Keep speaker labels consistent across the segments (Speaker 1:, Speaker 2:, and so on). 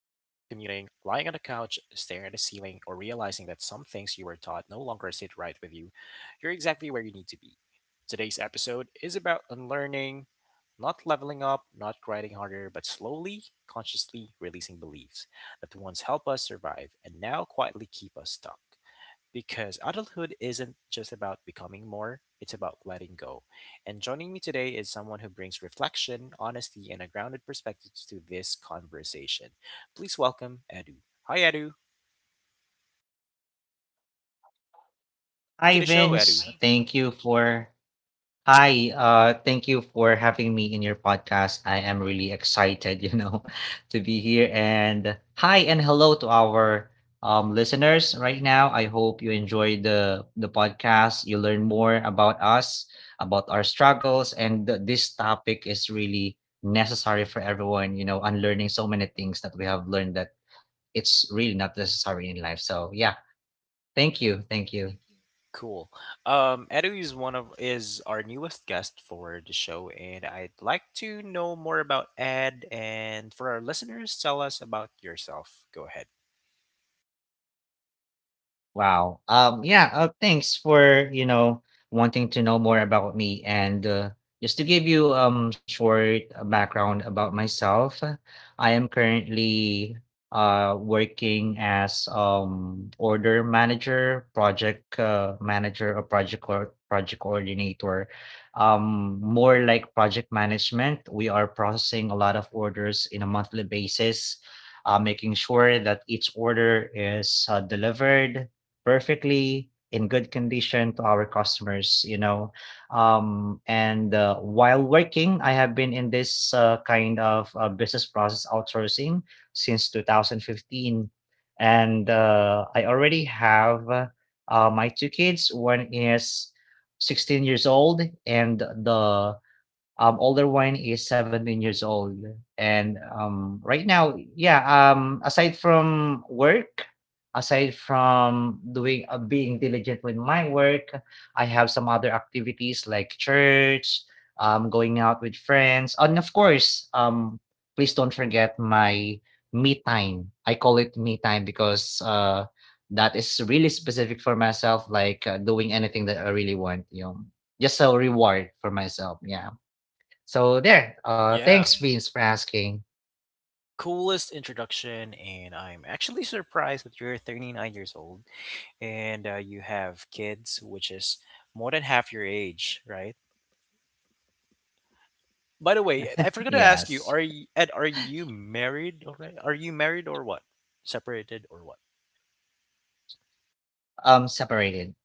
Speaker 1: lying on the couch, staring at the ceiling, or realizing that some things you were taught no longer sit right with you, you're exactly where you need to be. Today's episode is about unlearning, not leveling up, not grinding harder, but slowly, consciously releasing beliefs that once helped us survive and now quietly keep us stuck. Because adulthood isn't just about becoming more, it's about letting go. And joining me today is someone who brings reflection, honesty, and a grounded perspective to this conversation. Please welcome Edu. Hi Edu. Welcome to
Speaker 2: Hi
Speaker 1: the show, Edu.
Speaker 2: Vince, thank you for hi. Thank you for having me in your podcast. I am really excited, to be here. And hi and hello to our listeners right now. I hope you enjoyed the podcast. You learn more about us, about our struggles, and this topic is really necessary for everyone. You know, unlearning so many things that we have learned that it's really not necessary in life. So yeah, thank you, thank you.
Speaker 1: Cool. Edu is one of is our newest guest for the show, and I'd like to know more about Ed. And for our listeners, tell us about yourself. Go ahead.
Speaker 2: Wow. Yeah, Thanks for, you know, wanting to know more about me. And just to give you short background about myself, I am currently working as order manager, project manager or project coordinator. More like project management. We are processing a lot of orders in a monthly basis. Making sure that each order is delivered perfectly in good condition to our customers, you know. And While working, I have been in this kind of business process outsourcing since 2015, and I already have my two kids. One is 16 years old and the older one is 17 years old. And right now, yeah, aside from work, aside from doing being diligent with my work, I have some other activities like church, going out with friends, and of course, please don't forget my me time. I call it me time because that is really specific for myself, like doing anything that I really want, you know, just a reward for myself. Yeah. So there,
Speaker 1: Yeah.
Speaker 2: thanks Vince for asking.
Speaker 1: Coolest introduction, and I'm actually surprised that you're 39 years old, and you have kids, which is more than half your age, right? By the way, I forgot to ask you. Are
Speaker 2: Yes.
Speaker 1: you ed, are you married already? Are you married, or what? Separated, or what?
Speaker 2: Separated.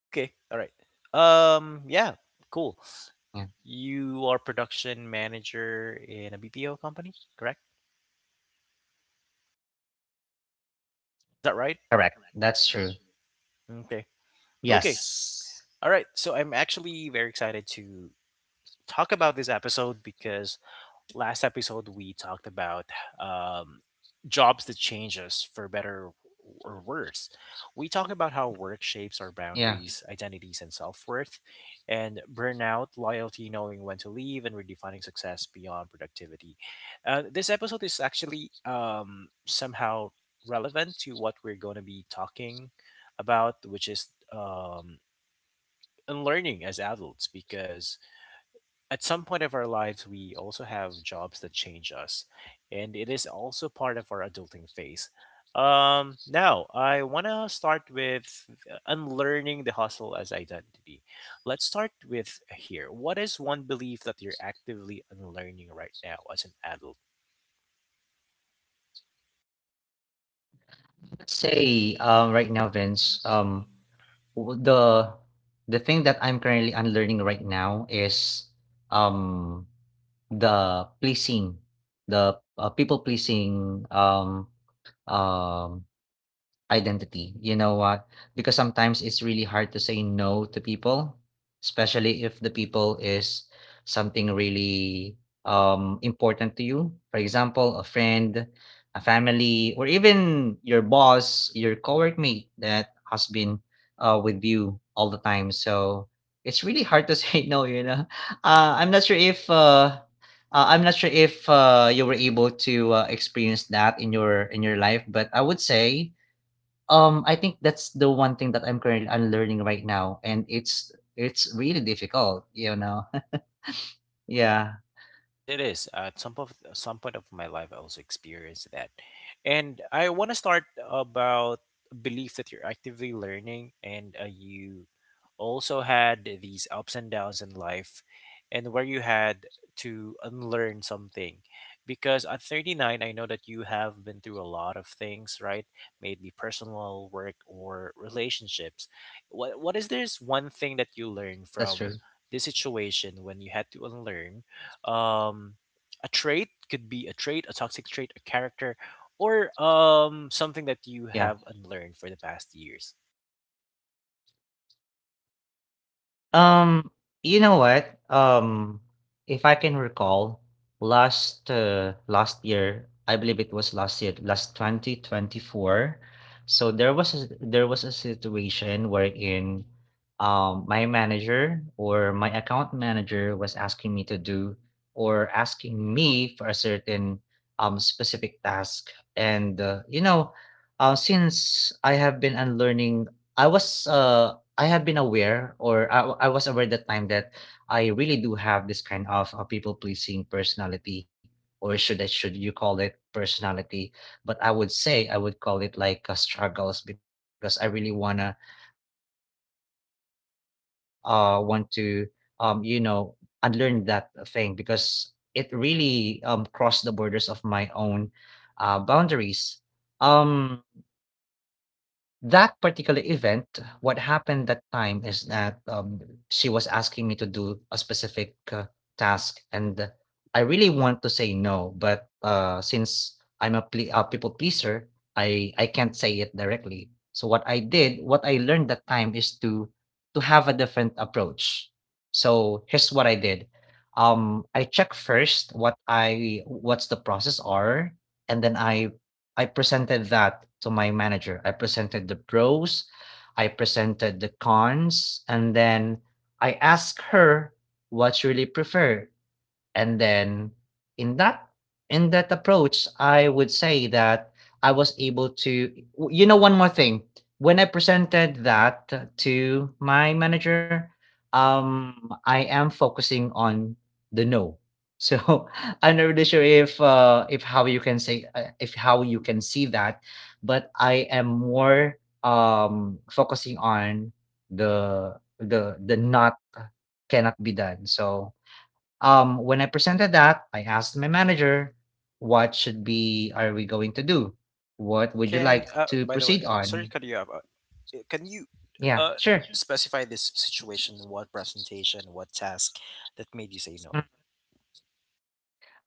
Speaker 1: Okay, all right. um yeah cool.
Speaker 2: Yeah.
Speaker 1: You are production manager in a BPO company, correct? Is that
Speaker 2: Correct,
Speaker 1: right?
Speaker 2: that's true.
Speaker 1: Okay. Okay,
Speaker 2: Yes.
Speaker 1: yes. All right, so I'm actually very excited to talk about this episode, because last episode we talked about, um, jobs that change us for better or worse. We talked about how work shapes our
Speaker 2: Yeah.
Speaker 1: boundaries, identities, and self worth, and burnout, loyalty, knowing when to leave, and redefining success beyond productivity. This episode is actually somehow relevant to what we're going to be talking about, which is, um, unlearning as adults, because at some point of our lives, we also have jobs that change us, and it is also part of our adulting phase. Now, I want to start with unlearning the hustle as identity. Let's start with here. What is one belief that you're actively unlearning right now as an adult?
Speaker 2: Let's say
Speaker 1: Say,
Speaker 2: right now,
Speaker 1: right now,
Speaker 2: Vince,
Speaker 1: Vince,
Speaker 2: um, the thing that I'm currently unlearning right now is um the pleasing, the people pleasing um identity, you know what? Because sometimes it's really hard to say no to people, especially if the people is something really important to you. For example, a friend, a family, or even your boss, your coworkmate that has been with you all the time. So it's really hard to say no, you know. Uh, I'm not sure if uh uh, I'm not sure if you were able to experience that in your life, but I would say I think that's the one thing that I'm currently unlearning right now, and it's really difficult, you know? Yeah,
Speaker 1: it is, it is. At some point of my life, I also experienced that, and I want to start about belief that you're actively learning, and you also had these ups and downs in life, and where you had to unlearn something, because at 39, I know that you have been through a lot of things, right? Maybe personal, work, or relationships. What is this one thing that you learned
Speaker 2: that's
Speaker 1: from
Speaker 2: true.
Speaker 1: this situation when you had to unlearn um a trait? Could be a trait, a toxic trait, a character, or something that you
Speaker 2: Yeah.
Speaker 1: have unlearned for the past years.
Speaker 2: Um, you know what? If I can recall, last year, I believe it was last year, last 2024. So there was a situation wherein my manager or my account manager was asking me to do or asking me for a certain specific task and since I have been unlearning, I was uh I have been aware, I was aware that time that I really do have this kind of people pleasing personality, or should I should you call it personality, but I would say I would call it like struggles because I really wanna want to um, you know, unlearn that thing because it really crossed the borders of my own boundaries. Um, that particular event, what happened that time is that, she was asking me to do a specific, task, and I really want to say no, but, since I'm a ple a people pleaser, I can't say it directly. So what I did, what I learned that time is to have a different approach. So here's what I did. I check first what I what's the process are, and then I presented that to my manager. I presented the pros, I presented the cons, and then I asked her what she really prefer. And then in that in that approach, I would say that I was able to, you know, one more thing. When I presented that to my manager, um, I am focusing on the no. So I'm not really sure if how you can say if how you can see that, but I am more focusing on the not cannot be done. So when I presented that, I asked my manager, what should be are we going to do? What would you
Speaker 1: Can
Speaker 2: like to
Speaker 1: by the way,
Speaker 2: proceed
Speaker 1: sorry to
Speaker 2: on?
Speaker 1: cut you off. Can you
Speaker 2: Yeah,
Speaker 1: uh,
Speaker 2: sure.
Speaker 1: specify this situation? What presentation? What task that made you say
Speaker 2: Mm.
Speaker 1: no?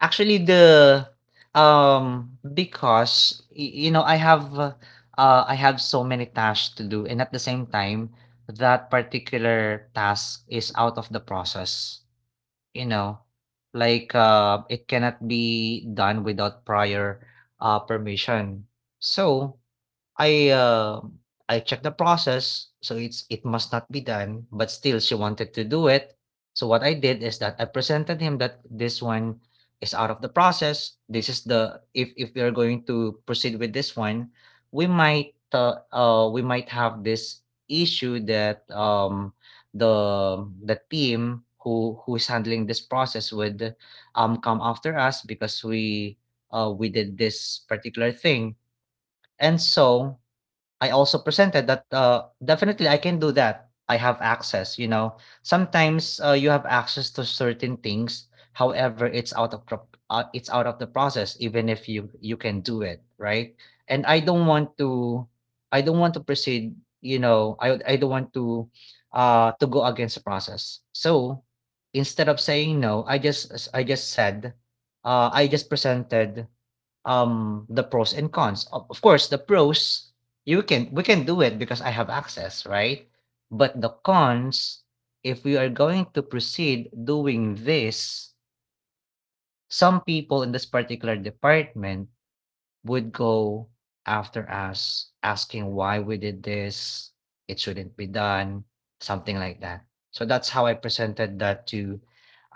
Speaker 2: Actually, the um, because you know I have so many tasks to do, and at the same time, that particular task is out of the process. You know, like it cannot be done without prior permission. So I, um, I checked the process, so it's it must not be done, but still she wanted to do it. So what I did is that I presented him that this one is out of the process. This is the if we are going to proceed with this one, we might have this issue that the team who is handling this process would come after us because we did this particular thing. And so I also presented that, definitely I can do that. I have access, you know. Sometimes, you have access to certain things. However, it's it's out of the process, even if you can do it, right? And I don't want to proceed. You know, I don't want to go against the process. So instead of saying no, I just said, I just presented the pros and cons. Of course, the pros, you can we can do it because I have access, right? But the cons, if we are going to proceed doing this, some people in this particular department would go after us asking why we did this, it shouldn't be done, something like that. So that's how I presented that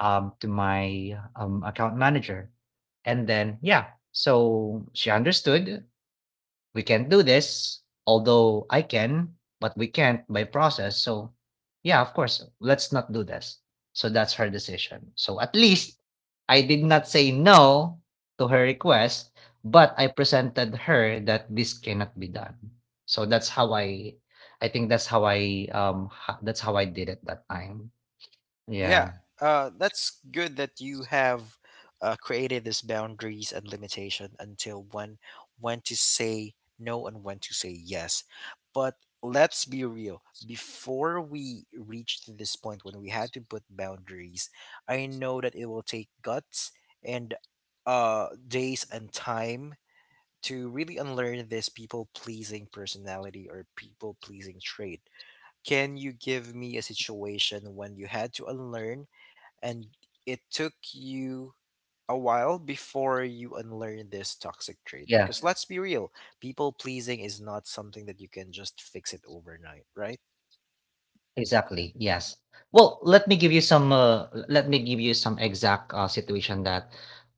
Speaker 2: to my account manager. And then yeah, so she understood we can do this, although I can, but we can't by process. So, yeah, of course, let's not do this. So that's her decision. So at least I did not say no to her request, but I presented her that this cannot be done. So that's how I think that's how I that's how I did it that time.
Speaker 1: Yeah,
Speaker 2: Yeah.
Speaker 1: that's good that you have created these boundaries and limitation until when to say no and when to say yes. But let's be real. Before we reached to this point when we had to put boundaries, I know that it will take guts and days and time to really unlearn this people pleasing personality or people pleasing trait. Can you give me a situation when you had to unlearn, and it took you a while before you unlearn this
Speaker 2: Yeah.
Speaker 1: toxic trait, because let's be real, people pleasing is not something that you can just fix it overnight, right?
Speaker 2: Exactly, yes. Well, let me give you some let me give you some exact situation that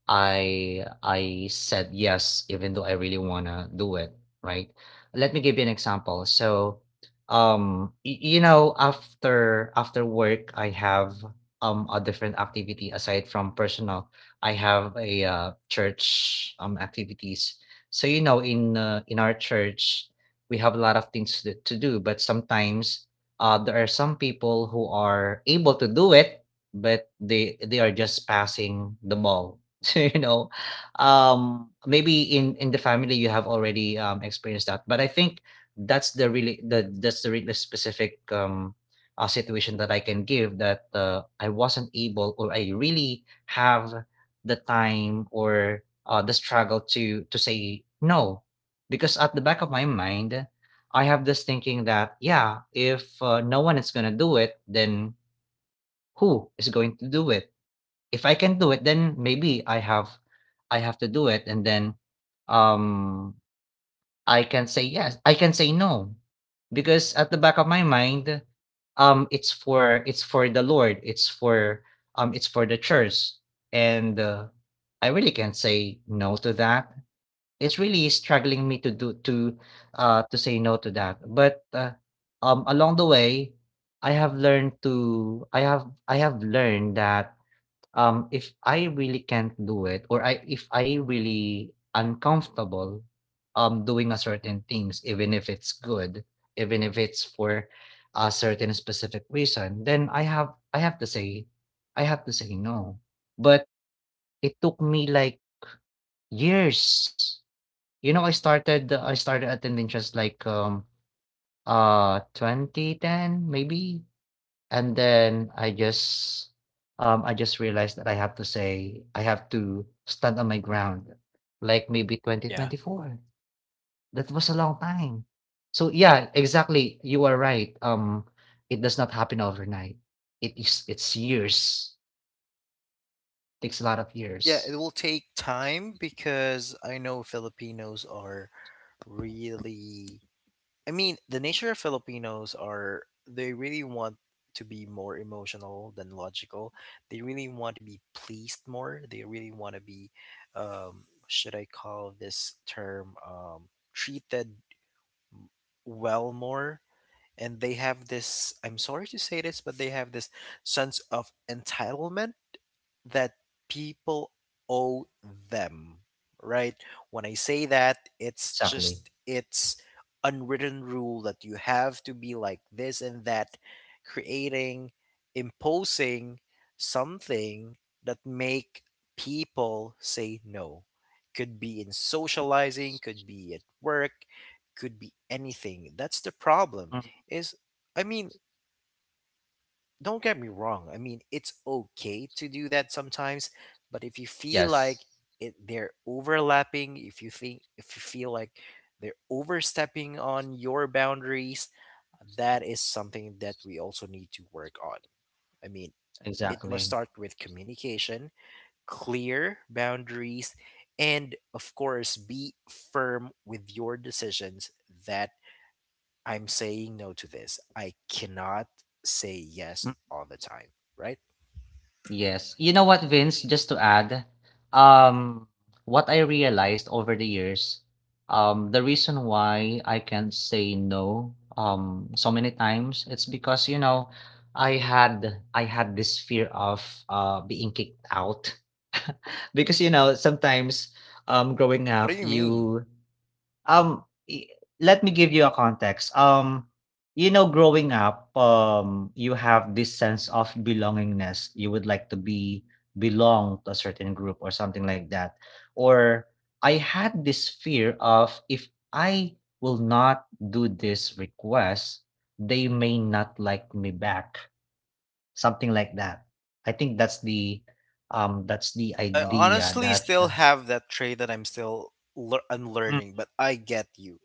Speaker 2: I said yes even though I really wanna do it, right? Let me give you an example. So, um, you know, after work I have a different activity aside from personal. I have a church activities. So, you know, in our church, we have a lot of things to do, but sometimes there are some people who are able to do it, but they are just passing the ball. So you know, maybe in the family you have already experienced that, but I think that's the really the that's the really specific situation that I can give that I wasn't able or I really have the time or the struggle to say no because at the back of my mind I have this thinking that, yeah, if, no one is gonna do it, then who is going to do it? If I can do it, then maybe I have to do it, and then, um, I can say no, because at the back of my mind, it's for the Lord, it's for the church, and, I really can't say no to that. It's really struggling me to say no to that, but, along the way, I have learned that, if I really can't do it or I if I really uncomfortable, doing a certain things, even if it's good, even if it's for a certain specific reason, then I have to say, I have to say no. But it took me, like, years, you know, I started attending just like 2010 maybe, and then I just realized that I have to stand on my ground, like maybe
Speaker 1: Yeah.
Speaker 2: 2024. That was a long time. So yeah, exactly. You are right. It does not happen overnight. It is it's years. Takes a lot of
Speaker 1: Yeah, it
Speaker 2: years.
Speaker 1: will take time, because I know Filipinos are really, I mean, the nature of Filipinos are they really want to be more emotional than logical. They really want to be pleased more. They really want to be, should I call this term, treated well more. And they have this, I'm sorry to say this, but they have this sense of entitlement that people owe them, right? When I say that, it's
Speaker 2: Exactly.
Speaker 1: just it's unwritten rule that you have to be like this and that, creating, imposing something that make people say no. Could be in socializing, could be at work, could be anything. That's the problem.
Speaker 2: Mm.
Speaker 1: Is, I mean, don't get me wrong. I mean, it's okay to do that sometimes, but if you feel like
Speaker 2: Yes,
Speaker 1: it, they're overlapping, if you think, if you feel like they're overstepping on your boundaries, that is something that we also need to work on. I mean, it must
Speaker 2: exactly.
Speaker 1: start with communication, clear boundaries, and of course, be firm with your decisions that I'm saying no to this. I cannot say yes all the time, right?
Speaker 2: Yes. You know what, Vince? Just to add, um, what I realized over the years, the reason why I can't say no so many times, it's because, I had this fear of being kicked out. Because, sometimes growing
Speaker 1: What do
Speaker 2: up,
Speaker 1: you mean?
Speaker 2: you um, I let me give you a context. Growing up, you have this sense of belongingness. You would like to be belong to a certain group or something like that. Or I had this fear of if I will not do this request, they may not like me back. Something like that. I think that's the
Speaker 1: I
Speaker 2: idea
Speaker 1: honestly
Speaker 2: that.
Speaker 1: still have that trait that I'm still unlearning, but I get you.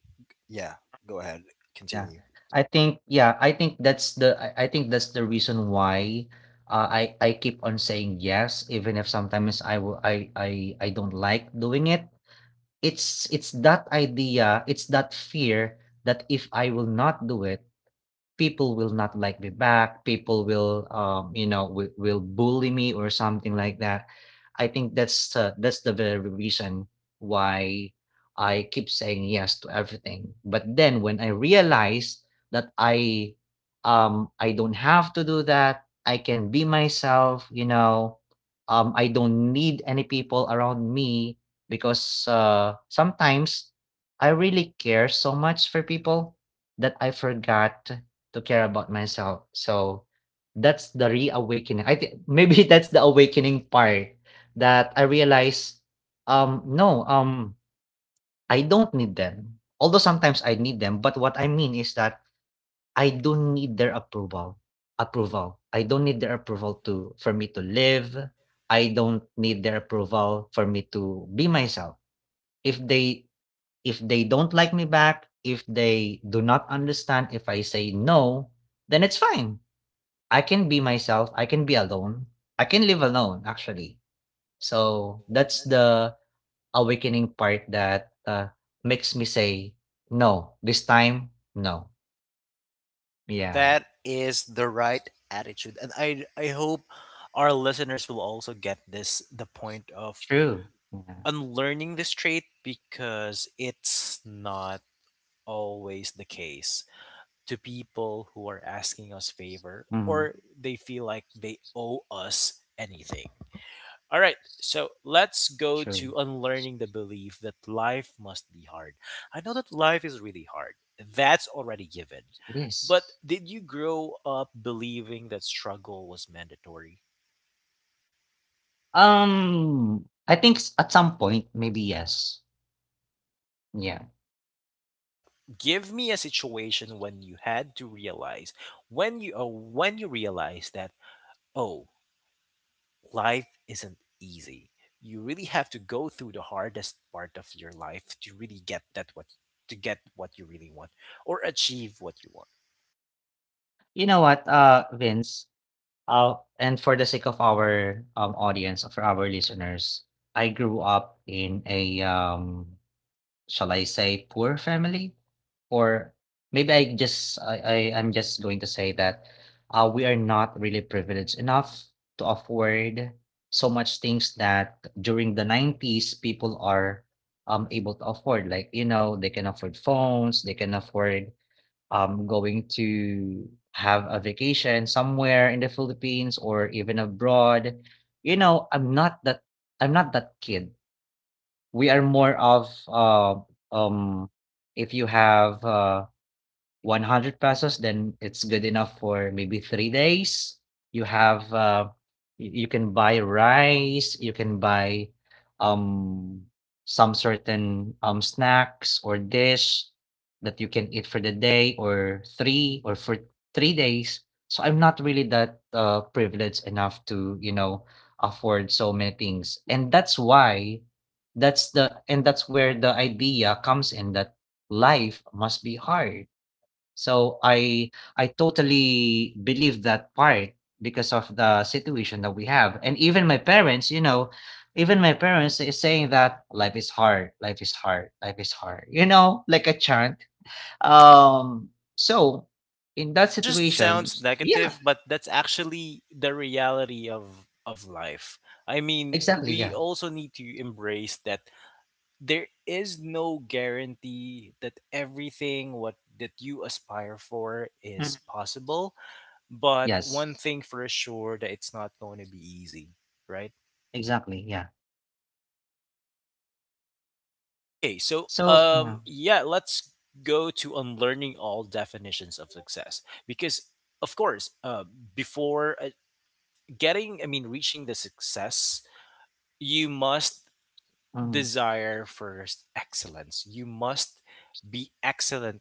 Speaker 1: Yeah, go ahead,
Speaker 2: Yeah.
Speaker 1: continue.
Speaker 2: I think yeah, I think that's the reason why I keep on saying yes even if sometimes I will I don't like doing it. It's that idea, it's that fear that if I will not do it, people will not like me back. People will you know will bully me or something like that. I think that's the very reason why I keep saying yes to everything. But then when I realize that I don't have to do that. I can be myself. I don't need any people around me because sometimes I really care so much for people that I forgot to care about myself. So that's the reawakening. I think maybe that's the awakening part that I realize, no, I don't need them. Although sometimes I need them, but what I mean is that I don't need their approval. Approval. I don't need their approval to for me to live. I don't need their approval for me to be myself. If they don't like me back, if they do not understand if I say no, then it's fine. I can be myself, I can be alone, I can live alone actually. So that's the awakening part that makes me say, "No, this time, no." Yeah.
Speaker 1: That is the right attitude, and I hope our listeners will also get this the point of
Speaker 2: True. Yeah.
Speaker 1: unlearning this trait, because it's not always the case to people who are asking us
Speaker 2: Mhm.
Speaker 1: favor or they feel like they owe us anything. All right. So
Speaker 2: True.
Speaker 1: let's go to unlearning the belief that life must be hard. I know that life is really hard. That's already given.
Speaker 2: It is.
Speaker 1: But did you grow up believing that struggle was mandatory?
Speaker 2: I think s at some point, maybe yes. Yeah.
Speaker 1: Yeah. Give me a situation when you had to realize, when you realize that, oh, life isn't easy. You really have to go through the hardest part of your life to really get that what, to get what you really want or achieve what you want.
Speaker 2: You know what, Vince, and for the sake of our, audience, for our listeners, I grew up in a, shall I say poor family? Or maybe I'm just going to say that we are not really privileged enough to afford so much things that during the 90s people are able to afford. Like, they can afford phones, they can afford going to have a vacation somewhere in the Philippines or even abroad. you know I'm not that I'm not that kid. We are more of, um, if you have, 100 pesos, then it's good enough for maybe 3 days. You have, you can buy rice, you can buy, um, some certain, snacks or dish that you can eat for the day, or 3, or for 3 days. So I'm not really that, privileged enough to, you know, afford so many things. And that's why that's where the idea comes in that life must be hard, so I totally believe that part because of the situation that we have. And even my parents, you know, even my parents is saying that life is hard, life is hard, life is hard. Like a chant. Um so in that
Speaker 1: Just
Speaker 2: situation.
Speaker 1: sounds negative,
Speaker 2: Yeah,
Speaker 1: but that's actually the reality of life. I mean,
Speaker 2: exactly,
Speaker 1: we
Speaker 2: yeah.
Speaker 1: also need to embrace that there is no guarantee that everything what that you aspire for is
Speaker 2: Mhm.
Speaker 1: possible, but
Speaker 2: Yes,
Speaker 1: one thing for sure that it's not going to be easy, right?
Speaker 2: exactly, yeah.
Speaker 1: Okay, so,
Speaker 2: So yeah.
Speaker 1: let's go to unlearning all definitions of success, because of course, before getting, I mean, reaching the success, you must
Speaker 2: Mm.
Speaker 1: desire first excellence. You must be excellent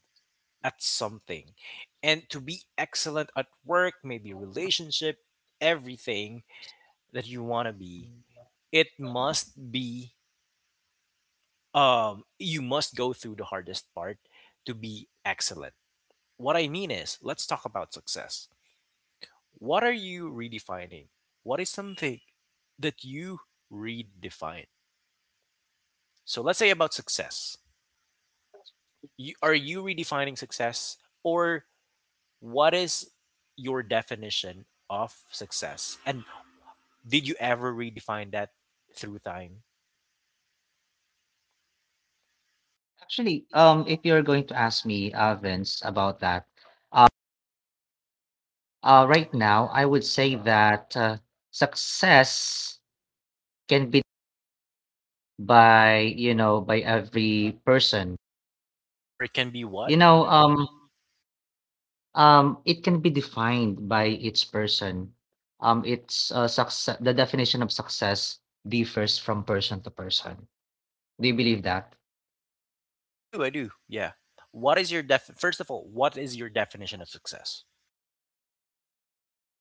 Speaker 1: at something, and to be excellent at work, maybe relationship, everything that you want to be, it must be, you must go through the hardest part to be excellent. What I mean is, let's talk about success. What are you redefining? What is something that you redefine? So let's say about success. You, are you redefining success, or what is your definition of success? And did you ever redefine that through time?
Speaker 2: Actually, if you're going to ask me, Vince, about that. Right now, I would say that success can be by every person.
Speaker 1: Sorry, can be what?
Speaker 2: You know, um, it can be defined by each person. It's success. The definition of success differs from person to person. Do you believe that?
Speaker 1: I do, I do. Yeah. What is your def, first of all, what is your definition of success?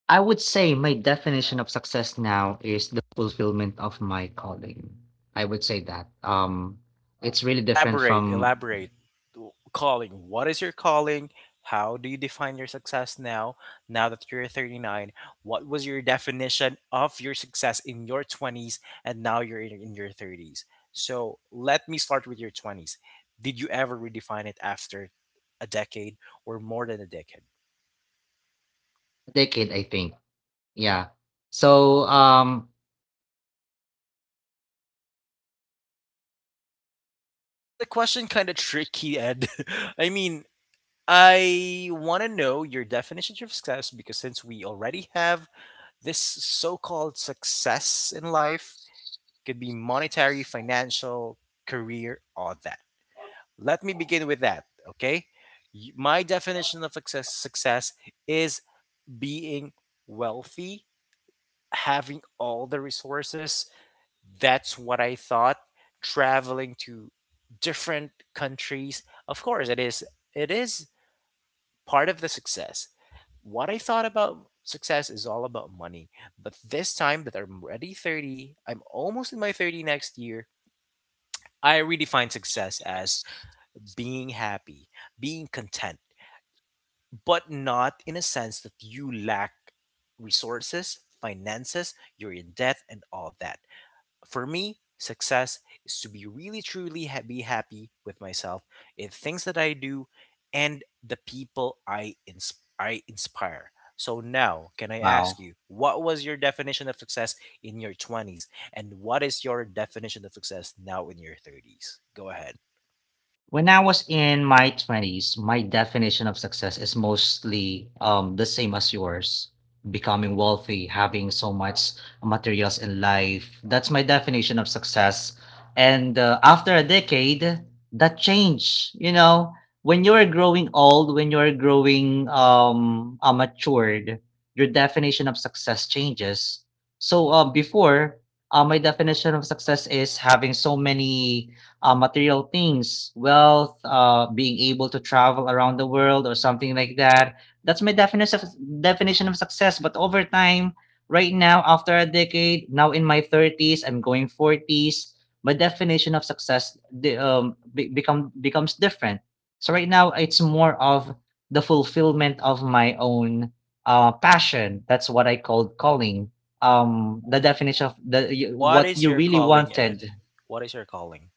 Speaker 2: I would say my definition of success now is the fulfillment of my calling. I would say that. It's really different
Speaker 1: Elaborate,
Speaker 2: from
Speaker 1: elaborate. Calling, what is your calling? How do you define your success now, now that you're 39? What was your definition of your success in your 20s, and now you're in your 30s? So let me start with your 20s. Did you ever redefine it after a decade or more than a decade?
Speaker 2: a decade, I think. Yeah. So,
Speaker 1: Is the question kind of tricky, ed? I mean, I want to know your definition of success, because since we already have this so-called success in life, could be monetary, financial, career, all that. Let me begin with that, okay? My definition of success, success is being wealthy, having all the resources. That's what I thought. Traveling to different countries, of course, it is. It is part of the success. What I thought about success is all about money. But this time that I'm already 30, I'm almost in my 30 next year, I redefine success as being happy, being content, but not in a sense that you lack resources, finances, you're in debt, and all that. For me, success is to be really truly be happy with myself in things that I do and the people I I inspire. So now, can I ask
Speaker 2: wow.
Speaker 1: you, what was your definition of success in your 20s, and what is your definition of success now in your 30s? Go ahead.
Speaker 2: When I was in my 20s, my definition of success is mostly the same as yours, becoming wealthy, having so much materials in life. That's my definition of success. And after a decade, that changed. When you're growing old, when you're growing matured, your definition of success changes. So before, my definition of success is having so many material things, wealth, being able to travel around the world or something like that. That's my definition of success. But over time, right now, after a decade, now in my 30s, I'm going 40s. My definition of success the, be- become becomes different. So right now, it's more of the fulfillment of my own passion. That's what I called calling. The definition of
Speaker 1: What
Speaker 2: what
Speaker 1: is
Speaker 2: you
Speaker 1: your
Speaker 2: really
Speaker 1: calling,
Speaker 2: wanted.
Speaker 1: Ed? What is your calling?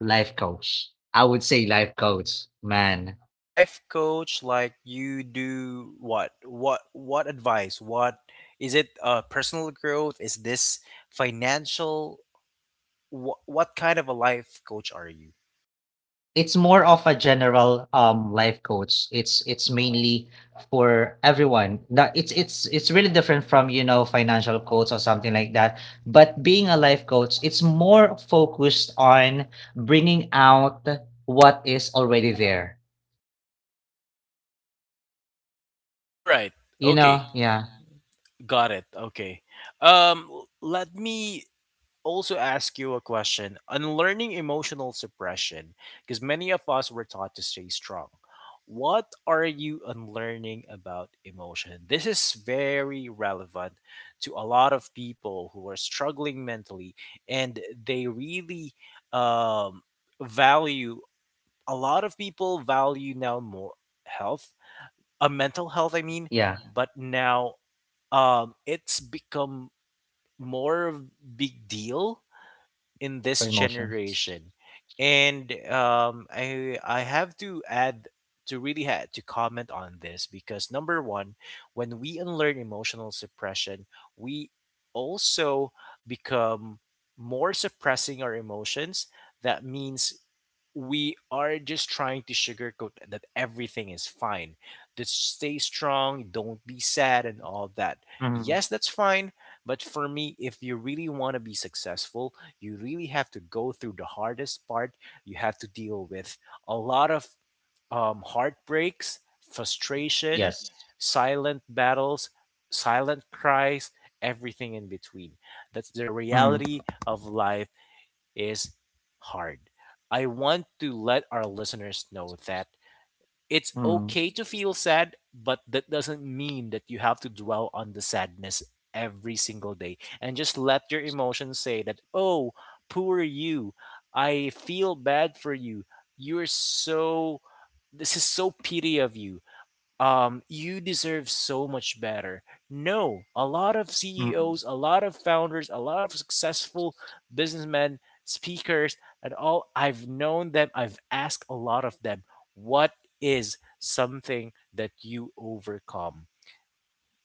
Speaker 2: Life coach. I would say life coach, man.
Speaker 1: Life coach, like you do what? What advice, what is it, personal growth? Is this financial? What kind of a life coach are you?
Speaker 2: It's more of a general life coach. It's mainly for everyone. That it's really different from financial coach or something like that. But being a life coach, it's more focused on bringing out what is already there.
Speaker 1: All right. Okay.
Speaker 2: Yeah.
Speaker 1: Yeah. Got it. Okay. Let me also ask you a question. Unlearning emotional suppression, because many of us were taught to stay strong. What are you unlearning about emotion? This is very relevant to a lot of people who are struggling mentally, and they really um, value, a lot of people value now more health, a mental health, I mean,
Speaker 2: Yeah,
Speaker 1: but now it's become more of big deal in
Speaker 2: for
Speaker 1: this
Speaker 2: emotions.
Speaker 1: generation, and I have to add to really had to comment on this, because number one, when we unlearn emotional suppression, we also become more suppressing our emotions. That means we are just trying to sugarcoat that everything is fine. Just stay strong, don't be sad, and all that.
Speaker 2: Mhm.
Speaker 1: Yes, that's fine. But for me, if you really want to be successful, you really have to go through the hardest part. You have to deal with a lot of heartbreaks, frustration,
Speaker 2: Yes.
Speaker 1: silent battles, silent cries, everything in between. That's the
Speaker 2: Mm-hmm.
Speaker 1: reality of life is hard. I want to let our listeners know that it's okay to feel sad, but that doesn't mean that you have to dwell on the sadness every single day and just let your emotions say that, oh, poor you. I feel bad for you. You're so, this is so pity of you. You deserve so much better. No, a lot of CEOs,
Speaker 2: Mm-hmm.
Speaker 1: a lot of founders, a lot of successful businessmen, speakers, and all I've known them, I've asked a lot of them, what is something that you overcome?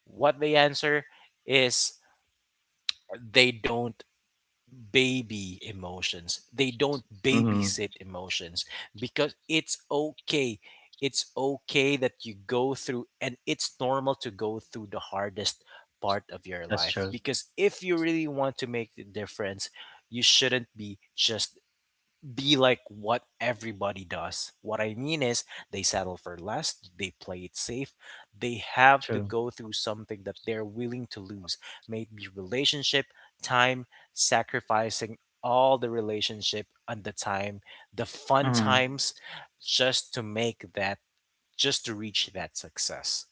Speaker 1: What they answer is they don't baby emotions. They don't
Speaker 2: Mm-hmm.
Speaker 1: babysit emotions because it's okay. It's okay that you go through, and it's normal to go through the hardest part of your
Speaker 2: That's
Speaker 1: life.
Speaker 2: true.
Speaker 1: Because if you really want to make the difference, you shouldn't be just be like what everybody does. What I mean is they settle for less, they play it safe, they have to
Speaker 2: True.
Speaker 1: go through something that they're willing to lose, maybe relationship, time, sacrificing all the relationship and the time, the fun
Speaker 2: Mm-hmm.
Speaker 1: times just to make that just to reach that success.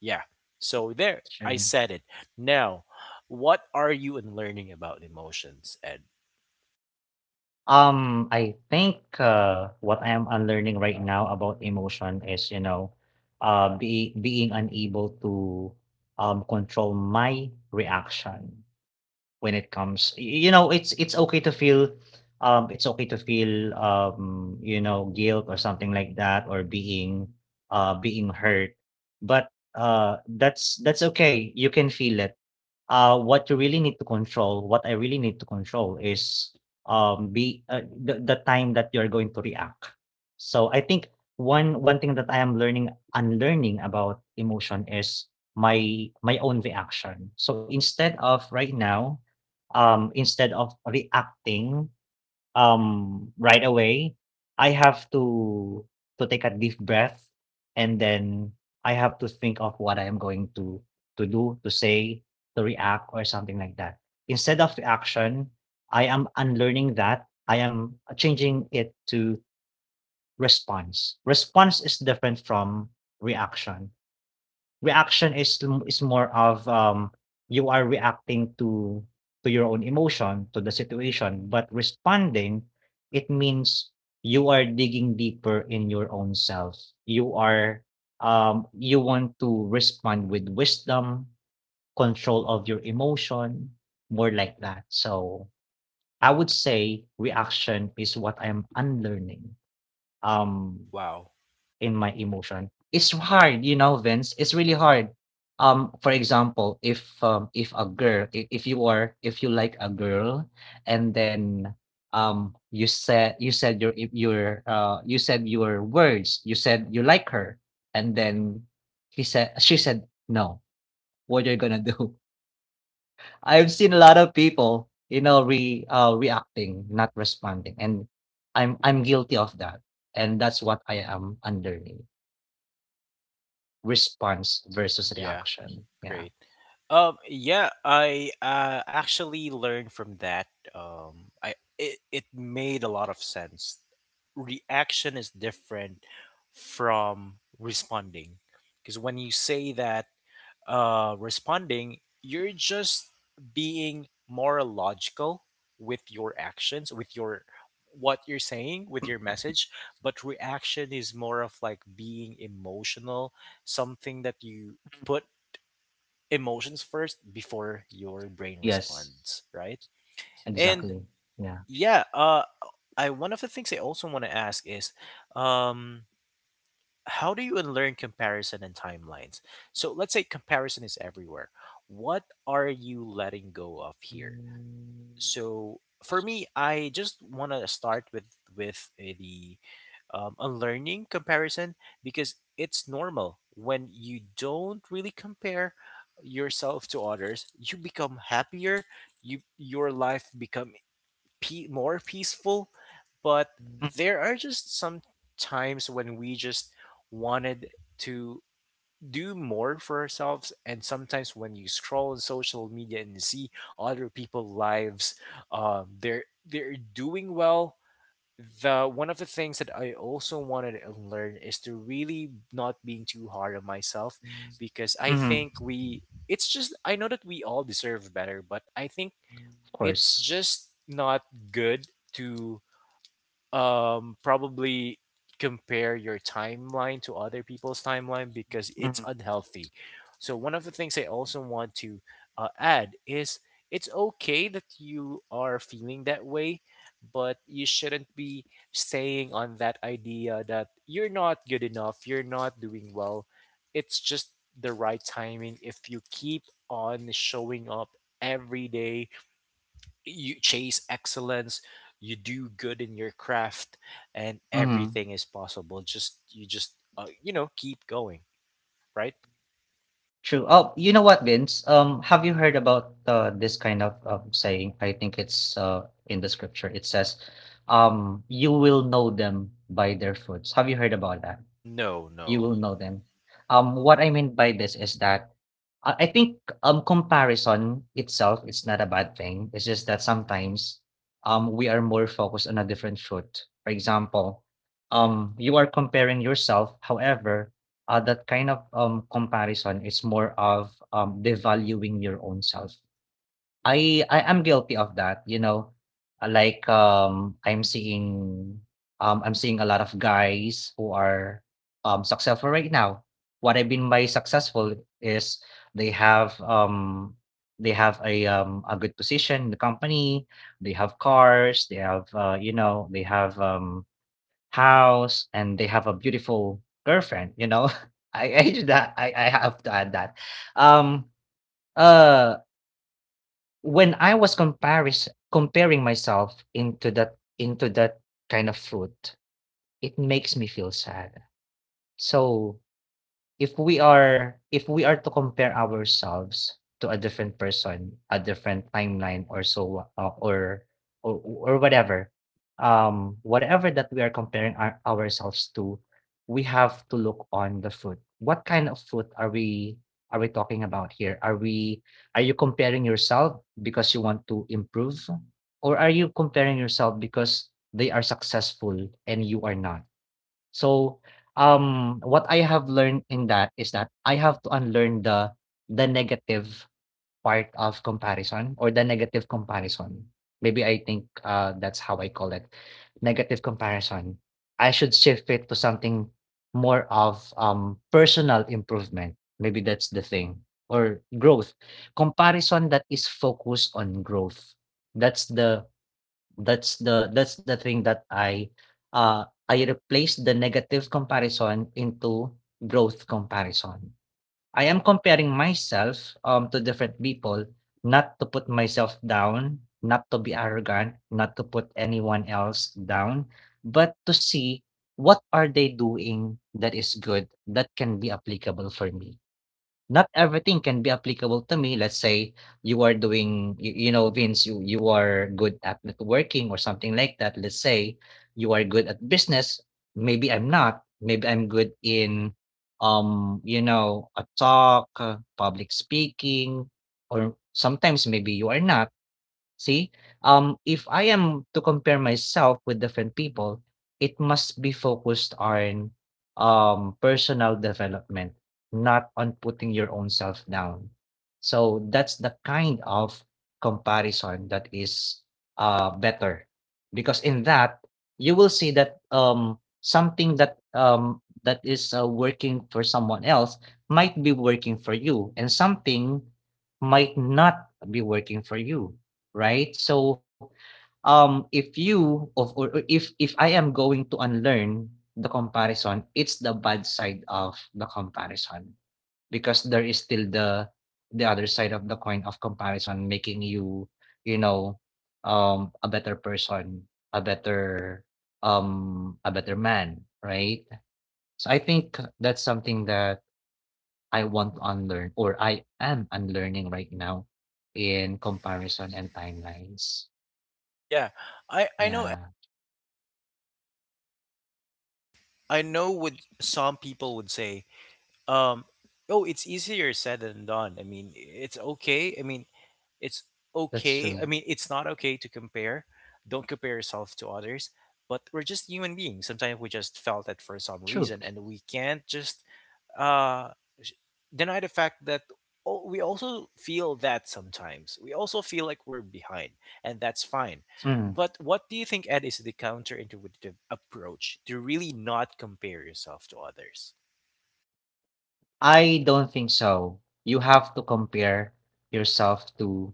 Speaker 1: Yeah. So there I
Speaker 2: True.
Speaker 1: said it. Now, what are you in learning about emotions? And
Speaker 2: I think, what I am unlearning right now about emotion is, you know, be being unable to, control my reaction when it comes, it's okay to feel, guilt or something like that, or being, hurt. But, that's okay. You can feel it. What you really need to control, what I really need to control is, be the time that you're going to react. So I think one thing that I am learning unlearning about emotion is my own reaction. So instead of reacting right away, I have to take a deep breath, and then I have to think of what I am going to do, to say, to react, or something like that. Instead of reaction, I am unlearning that. I am changing it to response. Response is different from reaction. Reaction is more of, you are reacting to your own emotion, to the situation. But responding, it means you are digging deeper in your own self. You are, you want to respond with wisdom, control of your emotion, more like that. So, I would say reaction is what I'm unlearning. Um
Speaker 1: wow.
Speaker 2: in my emotion. It's hard, you know, Vince. It's really hard. For example, if if you like a girl, and then you said your words. You said you like her, and then he said she said no. What are you gonna do? I've seen a lot of people, re reacting, not responding, and I'm guilty of that, and that's what I am under. Response versus
Speaker 1: Yeah,
Speaker 2: reaction. Yeah.
Speaker 1: great. Yeah, I actually learned from that. I it, it made a lot of sense. Reaction is different from responding because when you say that responding, you're just being more logical with your actions, with your what you're saying, with your message. But reaction is more of like being emotional, something that you put emotions first before your brain
Speaker 2: Yes,
Speaker 1: responds, right?
Speaker 2: exactly.
Speaker 1: And
Speaker 2: Yeah.
Speaker 1: yeah, I one of the things I also want to ask is, um, how do you unlearn comparison and timelines? So let's say comparison is everywhere. What are you letting go of here? So for me I just want to start with with the unlearning comparison because it's normal when you don't really compare yourself to others, you become happier, you your life become pe- more peaceful. But there are just some times when we just wanted to do more for ourselves. And sometimes when you scroll on social media and see other people's lives, they're doing well. The one of the things that I also wanted to learn is to really not being too hard on myself, because I
Speaker 2: Mhm.
Speaker 1: think we it's just I know that we all deserve better, but I think
Speaker 2: Of
Speaker 1: it's
Speaker 2: course.
Speaker 1: just not good to probably compare your timeline to other people's timeline because it's
Speaker 2: Mhm.
Speaker 1: unhealthy. So one of the things I also want to add is it's okay that you are feeling that way, but you shouldn't be staying on that idea that you're not good enough, you're not doing well. It's just the right timing. If you keep on showing up every day, you chase excellence, you do good in your craft, and
Speaker 2: Mhm.
Speaker 1: everything is possible. Just you just you know, keep going, right?
Speaker 2: True. Oh, you know what, Vince? Have you heard about this kind of saying? I think it's in the scripture. It says, "You will know them by their fruits." Have you heard about that?
Speaker 1: No,
Speaker 2: You
Speaker 1: no.
Speaker 2: will know them. What I mean by this is that I think comparison itself is not a bad thing. It's just that sometimes we are more focused on a different foot. For example, you are comparing yourself. However, that kind of comparison is more of devaluing your own self. I am guilty of that. Like I'm seeing a lot of guys who are successful right now. What I mean by successful is they have um they have a good position in the company, they have cars, they have house, and they have a beautiful girlfriend. I do that. I have to add that. Um uh when I was comparis comparing myself into that kind of fruit, it makes me feel sad. So if we are to compare ourselves to a different person, a different timeline, or or or whatever whatever that we are comparing ourselves to. We have to look on the food. What kind of food are we talking about? Here, are you comparing yourself because you want to improve, or are you comparing yourself because they are successful and you are not? So, what I have learned in that is that I have to unlearn the negative part of comparison, or the negative comparison. Maybe I think that's how I call it, negative comparison. I should shift it to something more of personal improvement. Maybe that's the thing or growth. Comparison that is focused on growth. That's the that's the thing that I replaced the negative comparison into growth comparison. I am comparing myself, to different people, not to put myself down, not to be arrogant, not to put anyone else down, but to see what are they doing that is good, that can be applicable for me. Not everything can be applicable to me. Let's say you are doing, you know, Vince, you are good at networking or something like that. Let's say you are good at business. Maybe I'm not. Maybe I'm good in, you know, a talk, public speaking, or sometimes maybe you are not. See, if I am to compare myself with different people, it must be focused on personal development, not on putting your own self down. So that's the kind of comparison that is better, because in that you will see that something that that is working for someone else might be working for you, and something might not be working for you, right? So, if you of or if I am going to unlearn the comparison, it's the bad side of the comparison because there is still the other side of the coin of comparison making you, you know, a better person, a better a better man, right? So I think that's something that I want to unlearn or I am unlearning right now in comparison and timelines.
Speaker 1: Yeah, I know,
Speaker 2: Yeah.
Speaker 1: I know what some people would say. um oh, it's easier said than done. I mean, it's okay, I mean, it's
Speaker 2: That's
Speaker 1: okay, I
Speaker 2: true.
Speaker 1: mean, it's not okay to compare, don't compare yourself to others. But we're just human beings, sometimes we just felt that for some
Speaker 2: True.
Speaker 1: reason, and we can't just uh deny the fact that, oh, we also feel that sometimes. We also feel like we're behind, and that's fine.
Speaker 2: Mm.
Speaker 1: But what do you think, Ed, is the counterintuitive approach to really not compare yourself to others?
Speaker 2: I don't think so. You have to compare yourself to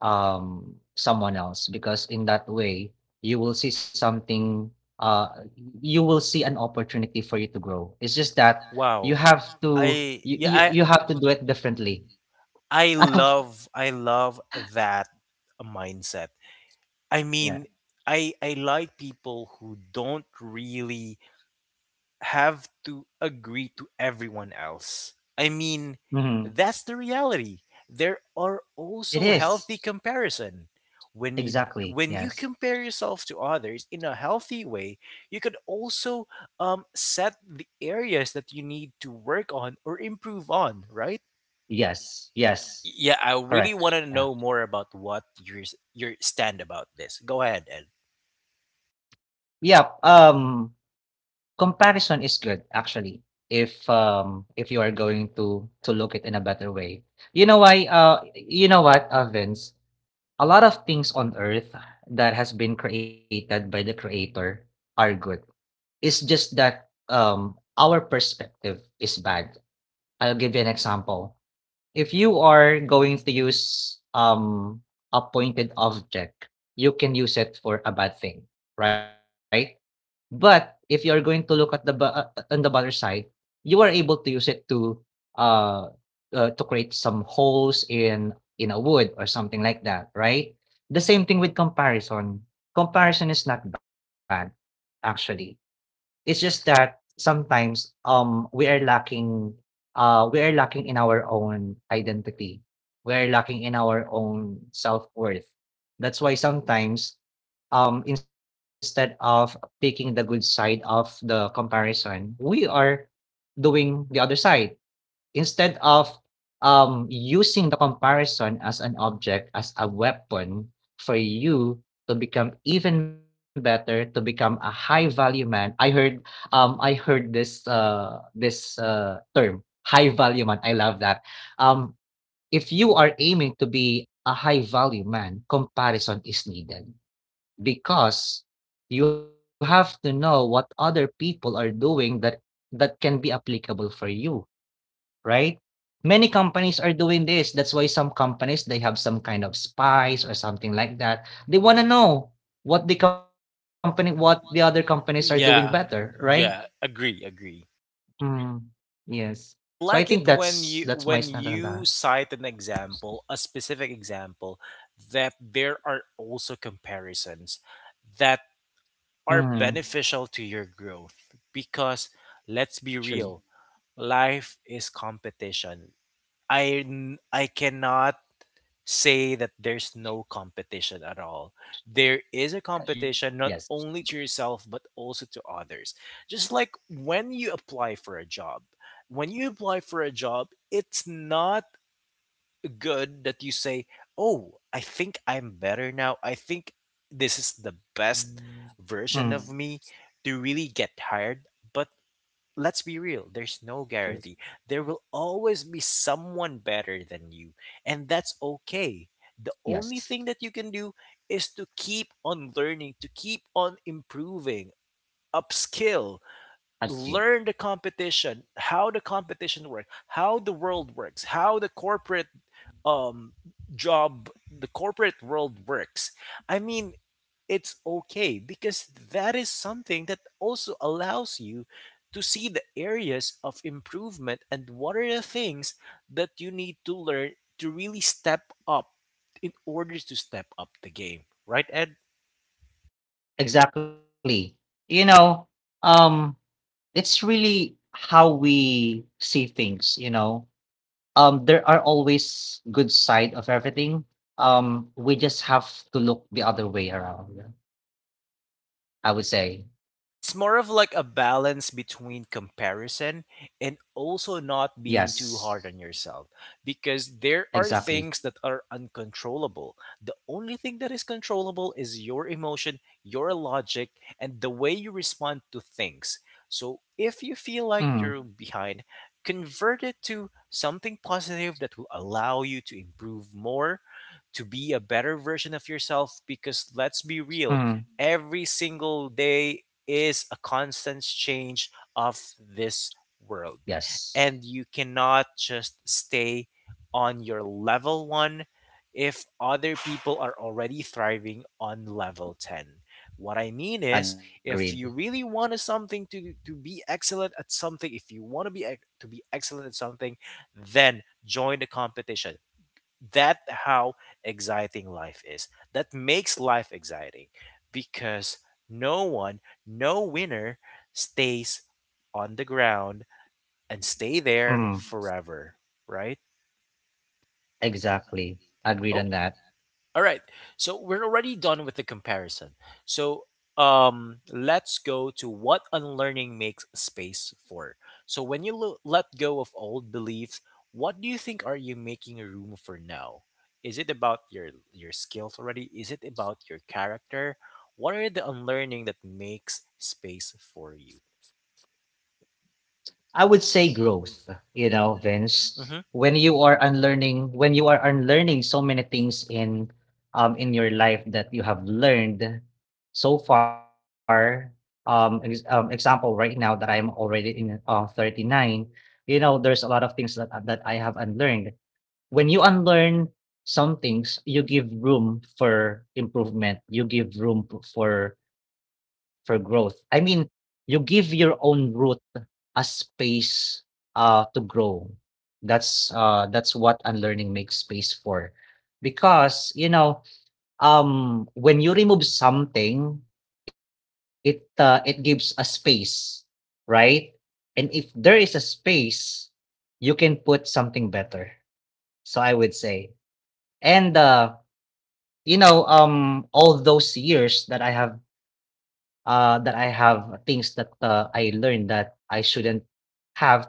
Speaker 2: someone else because in that way you will see something uh you will see an opportunity for you to grow. It's just that you
Speaker 1: Wow,
Speaker 2: have to
Speaker 1: I yeah, I
Speaker 2: you have to do it differently.
Speaker 1: I love, I love that mindset. I mean,
Speaker 2: Yeah.
Speaker 1: I like people who don't really have to agree to everyone else. I mean,
Speaker 2: Mhm.
Speaker 1: that's the reality. There are also
Speaker 2: It
Speaker 1: healthy
Speaker 2: is.
Speaker 1: comparison. When you
Speaker 2: Exactly.
Speaker 1: when you
Speaker 2: Yes.
Speaker 1: compare yourself to others in a healthy way, you could also set the areas that you need to work on or improve on. Right?
Speaker 2: Yes. Yes.
Speaker 1: Yeah, I really want
Speaker 2: Correct.
Speaker 1: to know
Speaker 2: Yeah.
Speaker 1: more about what your s- your stand about this. Go ahead, Ed.
Speaker 2: Yeah. Comparison is good actually, if you are going to look it in a better way. You know why, you know what, Vince? A lot of things on earth that has been created by the creator are good. It's just that, our perspective is bad. I'll give you an example. If you are going to use, a pointed object, you can use it for a bad thing, right? But if you're going to look at the bu on the butter side, you are able to use it uh, to create some holes in a wood or something like that, right? The same thing with comparison. Comparison is not bad, actually. It's just that sometimes, we are lacking in our own identity. We are lacking in our own self-worth. That's why sometimes, instead of picking the good side of the comparison, we are doing the other side. Instead of using the comparison as an object, as a weapon for you to become even better, to become a high value man. I heard this term, high value man. I love that. Um, if you are aiming to be a high value man, comparison is needed because you have to know what other people are doing that that can be applicable for you, right? Many companies are doing this. That's why some companies they have some kind of spies or something like that. They want to know what the other companies are doing better,
Speaker 1: Yeah,
Speaker 2: right?
Speaker 1: yeah, agree, agree.
Speaker 2: Mm. Yes. So I
Speaker 1: I
Speaker 2: think
Speaker 1: like it
Speaker 2: that's my stand on
Speaker 1: when
Speaker 2: that.
Speaker 1: you cite an example, a specific example, that there are also comparisons that
Speaker 2: Mm.
Speaker 1: are beneficial to your growth because let's
Speaker 2: True.
Speaker 1: be real, life is competition. I n- I cannot say that there's no competition at all. There is a
Speaker 2: Yes.
Speaker 1: competition not only to yourself but also to others. Just like when you apply for a job, when you apply for a job, it's not good that you say, "Oh, I think I'm better now. I think this is the best
Speaker 2: Mm.
Speaker 1: version of me to really get hired." But let's be real, there's no
Speaker 2: True.
Speaker 1: guarantee, there will always be someone better than you, and that's okay. The only
Speaker 2: Yes.
Speaker 1: thing that you can do is to keep on learning, to keep on improving, upskill,
Speaker 2: Agreed.
Speaker 1: learn the competition, how the competition works, how the world works, how the corporate um job, the corporate world works. I mean, it's okay because that is something that also allows you to see the areas of improvement and what are the things that you need to learn to really step up in order to step up the game, right, Ed?
Speaker 2: Exactly. You know, um, it's really how we see things, you know. There are always good side of everything. We just have to look the other way around. Yeah, I would say
Speaker 1: It's more of like a balance between comparison and also not
Speaker 2: yes,
Speaker 1: being too hard on yourself because there
Speaker 2: exactly.
Speaker 1: are things that are uncontrollable. The only thing that is controllable is your emotion, your logic, and the way you respond to things. So if you
Speaker 2: Mm,
Speaker 1: feel like you're behind, convert it to something positive that will allow you to improve more, to be a better version of yourself because let's be real,
Speaker 2: mm,
Speaker 1: every single day is a constant change of this world.
Speaker 2: yes,
Speaker 1: And you cannot just stay on your level one if other people are already thriving on level 10. What I mean is,
Speaker 2: agreed.
Speaker 1: if you really want to something to be excellent at something, if you want to be ex- to be excellent at something, then join the competition. That how exciting life is, that makes life exciting because no one, no winner stays on the ground and stay
Speaker 2: Mm,
Speaker 1: there forever, right?
Speaker 2: exactly, agreed on
Speaker 1: Oh,
Speaker 2: that.
Speaker 1: all right. So we're already done with the comparison. So let's go to what unlearning makes space for. So when you lo- let go of old beliefs, what do you think are you making room for now? Is it about your skills already? Is it about your character? What are the unlearning that makes space for you?
Speaker 2: I would say growth, you know, Vince. When
Speaker 1: Mm-hmm.
Speaker 2: you are unlearning, when you are unlearning so many things in your life that you have learned so far, example right now that I am already in 39, you know, there's a lot of things that I have unlearned. When you unlearn some things, you give room for improvement. You give room for growth. I mean, you give your own root a space to grow. That's what unlearning makes space for. Because, you know, when you remove something, it gives a space, right? And if there is a space, you can put something better so I would say. And you know, all those years that I have things that I learned that I shouldn't have to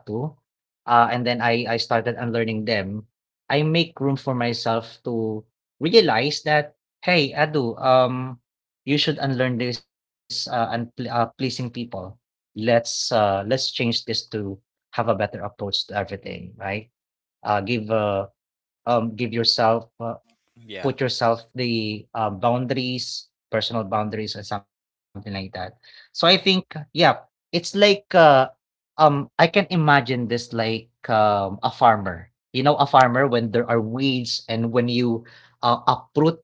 Speaker 2: and then I started unlearning them. I make room for myself to realize that hey, Adu, you should unlearn this and pleasing people. Let's change this to have a better approach to everything, right? Uh give uh Give yourself,
Speaker 1: Yeah.
Speaker 2: put yourself the boundaries, personal boundaries, or something like that. So I think, yeah, it's like I can imagine this like a farmer. You know, a farmer when there are weeds and when you uproot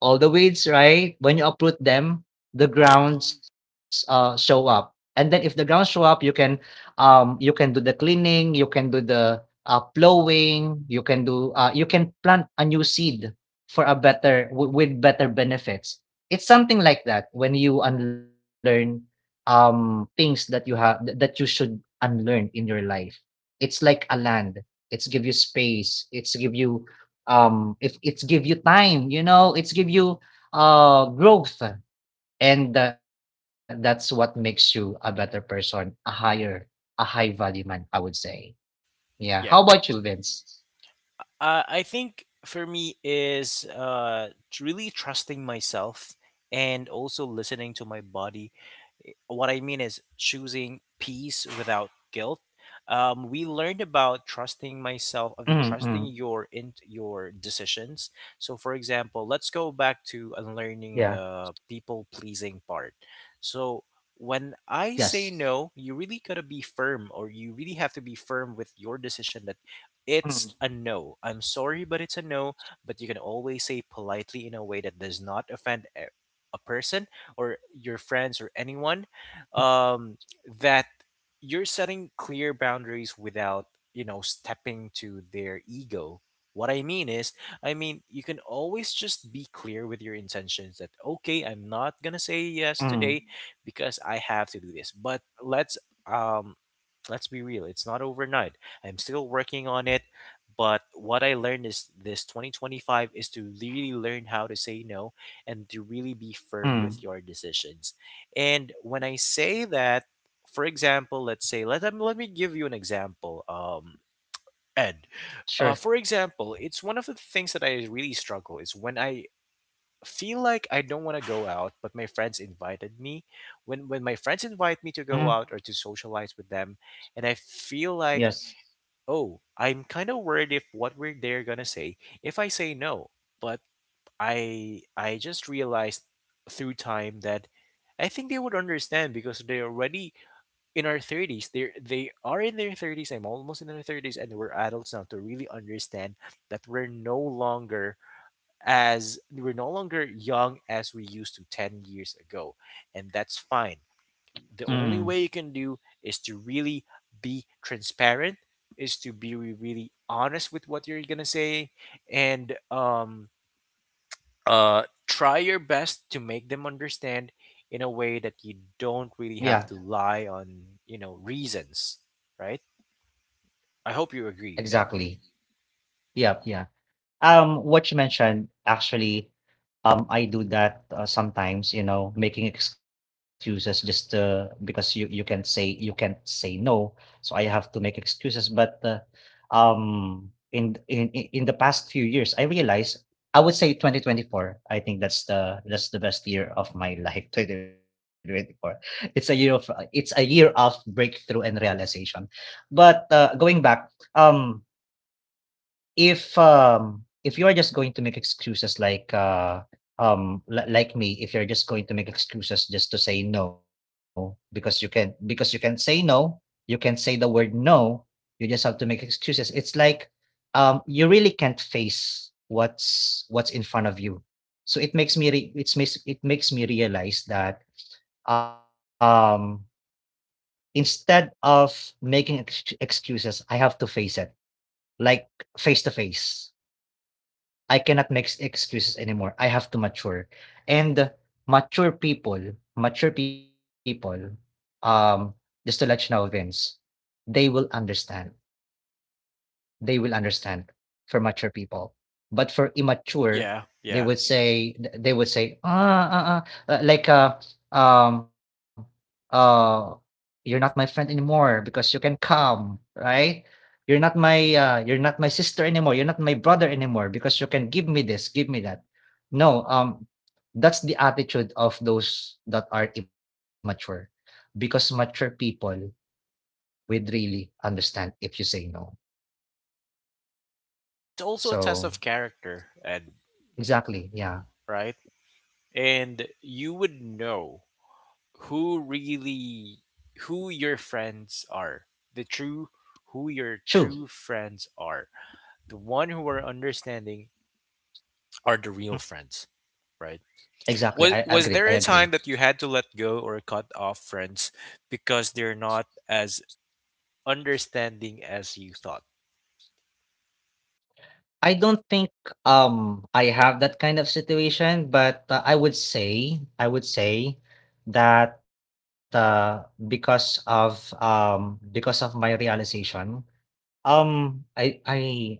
Speaker 2: all the weeds, right? When you uproot them, the
Speaker 1: Yeah.
Speaker 2: grounds show up. And then if the grounds show up, you can do the cleaning, you can do the plowing, you can do you can plant a new seed for a better with better benefits. It's something like that when you unlearn things that you have that you should unlearn in your life. It's like a land. It's give you space. It's give you if it's give you time, you know, it's give you growth and that's what makes you a better person, a higher a high value man, I would say. Yeah, how about you,
Speaker 1: Yeah.
Speaker 2: Vince?
Speaker 1: I think for me is really trusting myself and also listening to my body. What I mean is choosing peace without guilt. We learned about trusting
Speaker 2: Mm. Mm.
Speaker 1: myself, I mean, trusting your in your decisions. So, for example, let's go back to
Speaker 2: Yeah.
Speaker 1: unlearning the people pleasing part. So, when
Speaker 2: Yes.
Speaker 1: I say no, you really gotta be firm, or you really have to be firm with your decision that
Speaker 2: Mm.
Speaker 1: it's a no. I'm sorry, but it's a no. But you can always say politely in a way that does not offend a person or your friends or
Speaker 2: Mm.
Speaker 1: anyone, um, that you're setting clear boundaries without, you know, stepping to their ego. What I mean is, I mean, you can always just be clear with your intentions that, okay, I'm not gonna say
Speaker 2: Mm,
Speaker 1: yes today because I have to do this, but let's um let's be real, it's not overnight. I'm still working on it, but what I learned is this 2025 is to really learn how to say no and to really be firm with
Speaker 2: mm.
Speaker 1: your decisions. And when I say that, for example, let's say let let me give you an example. Ed.
Speaker 2: Sure.
Speaker 1: For example, it's one of the things that I really struggle is when I feel like I don't want to go out, but my friends invited me. When my friends invite me to
Speaker 2: Mm.
Speaker 1: go out or to socialize with them, and I feel like,
Speaker 2: Yes.
Speaker 1: oh, I'm kind of worried if what we're they're gonna say if I say no. But I just realized through time that I think they would understand because they're already in our thirties. They are in their thirties. I'm almost in their thirties, and we're adults now to really understand that we're no longer as we're no longer young as we used to 10 years ago, and that's fine. The
Speaker 2: Mm.
Speaker 1: only way you can do is to really be transparent, is to be re- really honest with what you're gonna say, and try your best to make them understand in a way that you don't really
Speaker 2: Yeah.
Speaker 1: have to lie on, you know, reasons, right? I hope you agree, Ed.
Speaker 2: Exactly. Yep. Yeah. What you mentioned actually. I do that sometimes, you know, making excuses just because you can't say you can't say no, so I have to make excuses. But in the past few years, I realized, I would say 2024. I think that's the best year of my life. 2024. It's a year of it's a year of breakthrough and realization. But going back, if you are just going to make excuses like like me, if you're just going to make excuses just to say no because you can, because you can say no, you can say the word no, you just have to make excuses. It's like you really can't face what's in front of you. So it makes me it's makes it makes me realize that um instead of making excuses I have to face it, like face to face. I cannot make excuses anymore. I have to mature. And mature people, mature people, um, just to let you know, Vince, they will understand. They will understand for mature people. But for
Speaker 1: yeah
Speaker 2: immature,
Speaker 1: yeah
Speaker 2: they would say, they would say, "Ah, ah, ah," uh, like uh um uh you're not my friend anymore because you can come, right? You're not my you're not my sister anymore, you're not my brother anymore because you can give me this, give me that." No, that's the attitude of those that are immature, because mature people would really understand if you say no,
Speaker 1: and it's also a test of
Speaker 2: so.
Speaker 1: character, Ed,
Speaker 2: Exactly,
Speaker 1: right?
Speaker 2: yeah.
Speaker 1: And you would know who really who your friends are the true who your true
Speaker 2: True.
Speaker 1: friends are. The one who are understanding are the real friends, right? Was
Speaker 2: Exactly,
Speaker 1: there a time
Speaker 2: I
Speaker 1: that you had
Speaker 2: agree.
Speaker 1: to let go or cut off friends because they're not as understanding as you thought?
Speaker 2: I don't think, I have that kind of situation, but, I would say that, because of my realization, um, I I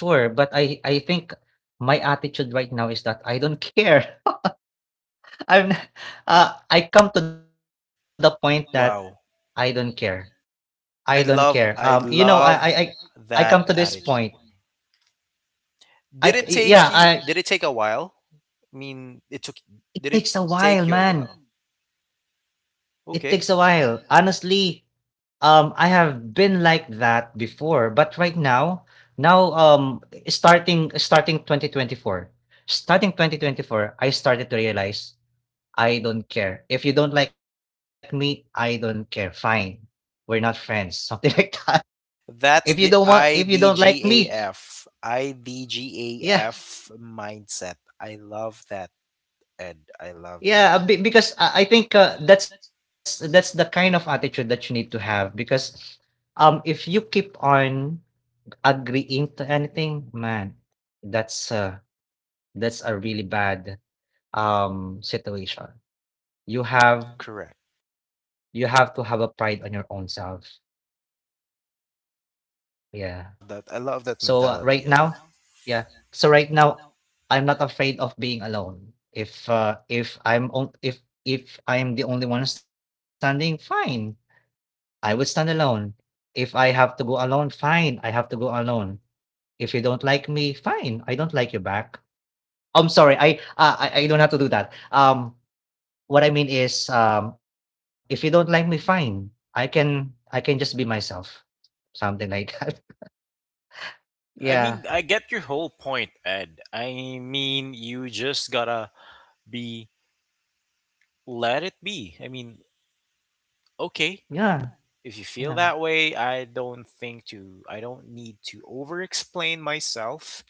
Speaker 2: I'm not sure, but I think my attitude right now is that I don't care. I'm, not- I come to the point that
Speaker 1: Wow.
Speaker 2: I don't care. I
Speaker 1: i
Speaker 2: don't care.
Speaker 1: love i
Speaker 2: You know,
Speaker 1: love
Speaker 2: I come
Speaker 1: that
Speaker 2: to this
Speaker 1: attitude.
Speaker 2: point.
Speaker 1: did it
Speaker 2: Yeah,
Speaker 1: take you
Speaker 2: I
Speaker 1: did it take a while? I mean, it took. Did
Speaker 2: it
Speaker 1: it
Speaker 2: takes a
Speaker 1: take you a
Speaker 2: while,
Speaker 1: while?
Speaker 2: man. It takes
Speaker 1: Okay,
Speaker 2: a while. Honestly, I have been like that before, but right now, now um, starting 2024, starting 2024, I started to realize I don't care. If you don't like me, I don't care. Fine, we're not friends. Something like that.
Speaker 1: that's
Speaker 2: If
Speaker 1: the
Speaker 2: you don't want, if you don't like me,
Speaker 1: IDGAF,
Speaker 2: yeah.
Speaker 1: IDGAF mindset. I love that, Ed. I love that.
Speaker 2: Yeah, because I think that's the kind of attitude that you need to have because if you keep on agreeing to anything, man, that's uh that's a really bad situation. You
Speaker 1: Correct.
Speaker 2: have you have to have a pride on your own self. Yeah.
Speaker 1: Love that. I love that
Speaker 2: So
Speaker 1: mentality, Ed.
Speaker 2: right now, yeah. So right now I'm not afraid of being alone. If if I am the only one standing, fine, I will stand alone. If I have to go alone, fine, I have to go alone. If you don't like me, fine, I don't like you back. I'm sorry, I don't have to do that. What I mean is, if you don't like me, fine, I can just be myself, something like that.
Speaker 1: I mean, I
Speaker 2: Yeah,
Speaker 1: get your whole point, Ed. I mean, you just gotta be, let it be. I mean, okay,
Speaker 2: yeah,
Speaker 1: if you feel
Speaker 2: yeah,
Speaker 1: that way, I don't need to over explain myself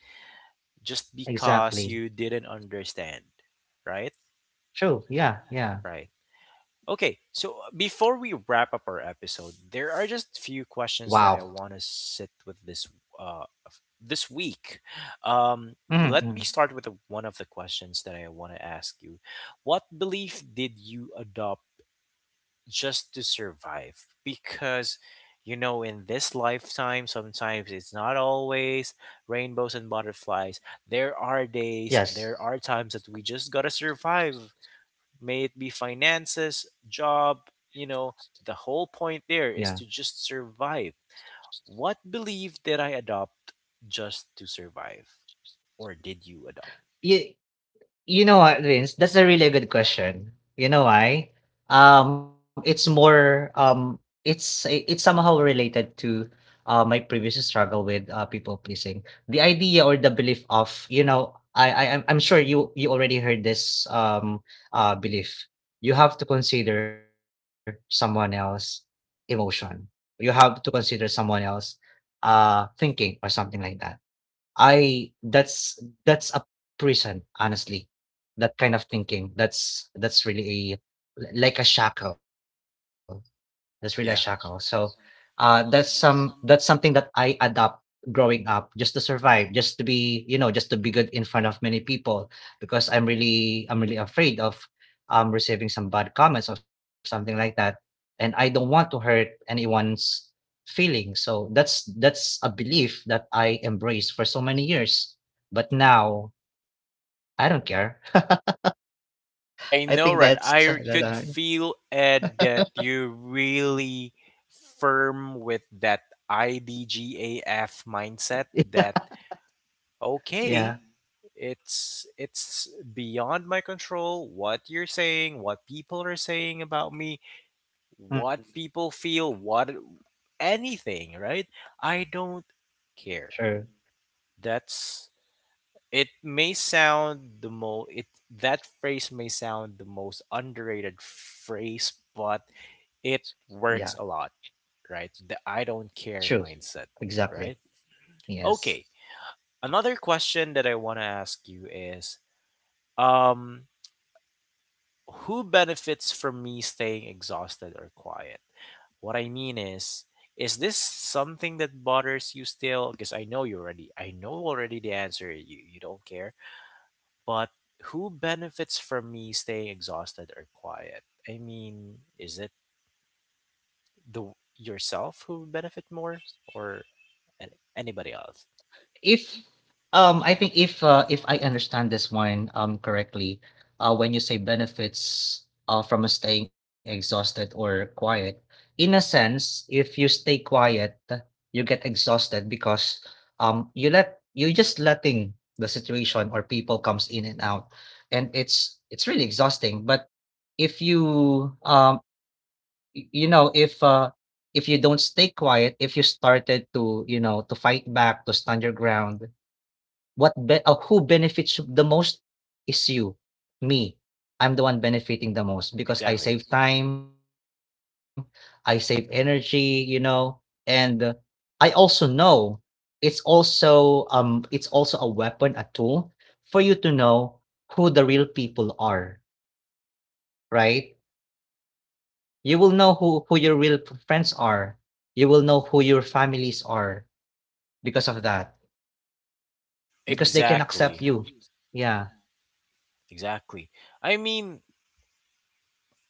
Speaker 1: just because you
Speaker 2: exactly.
Speaker 1: didn't understand, right?
Speaker 2: True. Yeah,
Speaker 1: Right.
Speaker 2: yeah.
Speaker 1: Okay, so before we wrap up our episode, there are just few questions that I
Speaker 2: Wow.
Speaker 1: want to sit with this uh this week. Let me
Speaker 2: Mm-mm.
Speaker 1: start with the, one of the questions that I want to ask you. What belief did you adopt just to survive? Because, you know, in this lifetime sometimes it's not always rainbows and butterflies. There are days, there
Speaker 2: Yes.
Speaker 1: are times that we just gotta survive. May it be finances, job, you know, the whole point
Speaker 2: Yeah.
Speaker 1: there is to just survive. What belief did I adopt just to survive, or did you adopt?
Speaker 2: Yeah. You know what, Vince? That's a really good question. You know why? It's more it's it's somehow related to my previous struggle with people pleasing. The idea or the belief of, you know, I'm sure you already heard this belief. You have to consider someone else emotion. You have to consider someone else thinking or something like that. I that's a prison, honestly. That kind of thinking, that's really a like a shackle. That's really a shackle.
Speaker 1: Yeah.
Speaker 2: So, that's something that I adopt growing up just to survive, just to be, you know, just to be good in front of many people because I'm really afraid of receiving some bad comments or something like that. And I don't want to hurt anyone's feelings. So that's a belief that I embraced for so many years. But now I don't care.
Speaker 1: I know,
Speaker 2: I
Speaker 1: right?
Speaker 2: think
Speaker 1: I
Speaker 2: that's
Speaker 1: could feel, Ed, that you're really firm with that IDGAF mindset. That,
Speaker 2: yeah.
Speaker 1: okay,
Speaker 2: Yeah.
Speaker 1: it's beyond my control. What you're saying, what people are saying about me,
Speaker 2: Mm.
Speaker 1: what people feel, what, anything, right? I don't care.
Speaker 2: Sure.
Speaker 1: That's, it may sound the most, it that phrase may sound the most underrated phrase, but it
Speaker 2: Yeah.
Speaker 1: works a lot, right? The I don't care
Speaker 2: True.
Speaker 1: mindset, right?
Speaker 2: Exactly.
Speaker 1: Okay.
Speaker 2: Yes.
Speaker 1: Another question that I want to ask you is, um who benefits from me staying exhausted or quiet? What I mean is this something that bothers you still? Because I know you already, I know already the answer, you don't care, but who benefits from me staying exhausted or quiet? I mean, is it the yourself who benefit more, or, and anybody else?
Speaker 2: If I think if if I understand this one correctly, when you say benefits from staying exhausted or quiet, in a sense, if you stay quiet, you get exhausted because you let you just letting the situation or people comes in and out and it's really exhausting. But if you you know, if you don't stay quiet, if you started to, you know, to fight back, to stand your ground, who benefits the most is you, me. I'm the one benefiting the
Speaker 1: Exactly.
Speaker 2: most because I save time, I save energy, you know, and I also know it's also a weapon, a tool for you to know who the real people are, right? You will know who your real friends are, you will know who your families are because of that, because they
Speaker 1: Exactly.
Speaker 2: can accept you. Yeah,
Speaker 1: Exactly. I mean,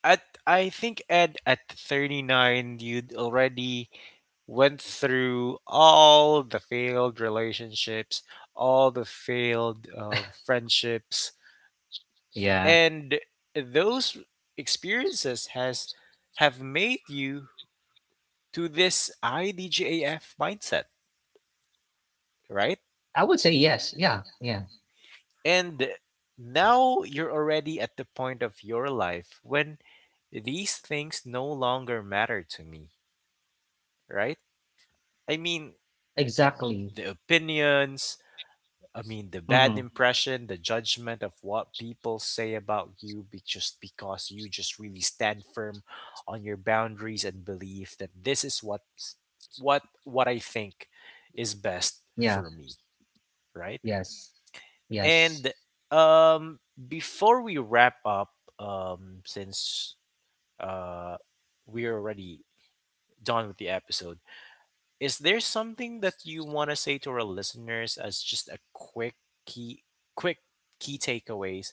Speaker 1: at, I think, Ed, at 39 you'd already went through all the failed relationships, all the failed friendships, and
Speaker 2: yeah.
Speaker 1: those experiences has, have made you to this IDGAF mindset, right?
Speaker 2: I would say yes, yeah, yeah,
Speaker 1: And now you're already at the point of your life when these things no longer matter to me, right? I mean, the
Speaker 2: exactly.
Speaker 1: opinions, I mean, the bad impression, the
Speaker 2: Mm-hmm.
Speaker 1: judgment of what people say about you be- just because you just really stand firm on your boundaries and believe that this is what's, what I think is best for me,
Speaker 2: Yeah.
Speaker 1: right?
Speaker 2: Yes.
Speaker 1: And
Speaker 2: Yes.
Speaker 1: before we wrap up, since uh, we're already done with the episode, is there something that you want to say to our listeners as just a key, quick key takeaways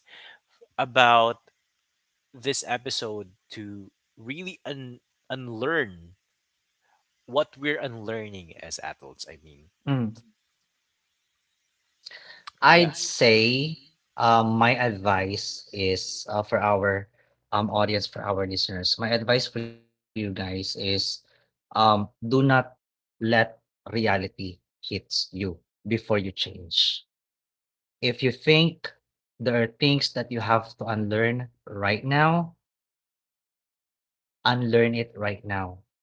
Speaker 1: about this episode to really un- unlearn what we're unlearning as adults? I mean,
Speaker 2: Mm.
Speaker 1: yeah,
Speaker 2: I'd say, my advice is, for our audience, for our listeners, my advice for you guys is, do not let reality hits you before you change. If you think there are things that you have to unlearn right now, unlearn it right now.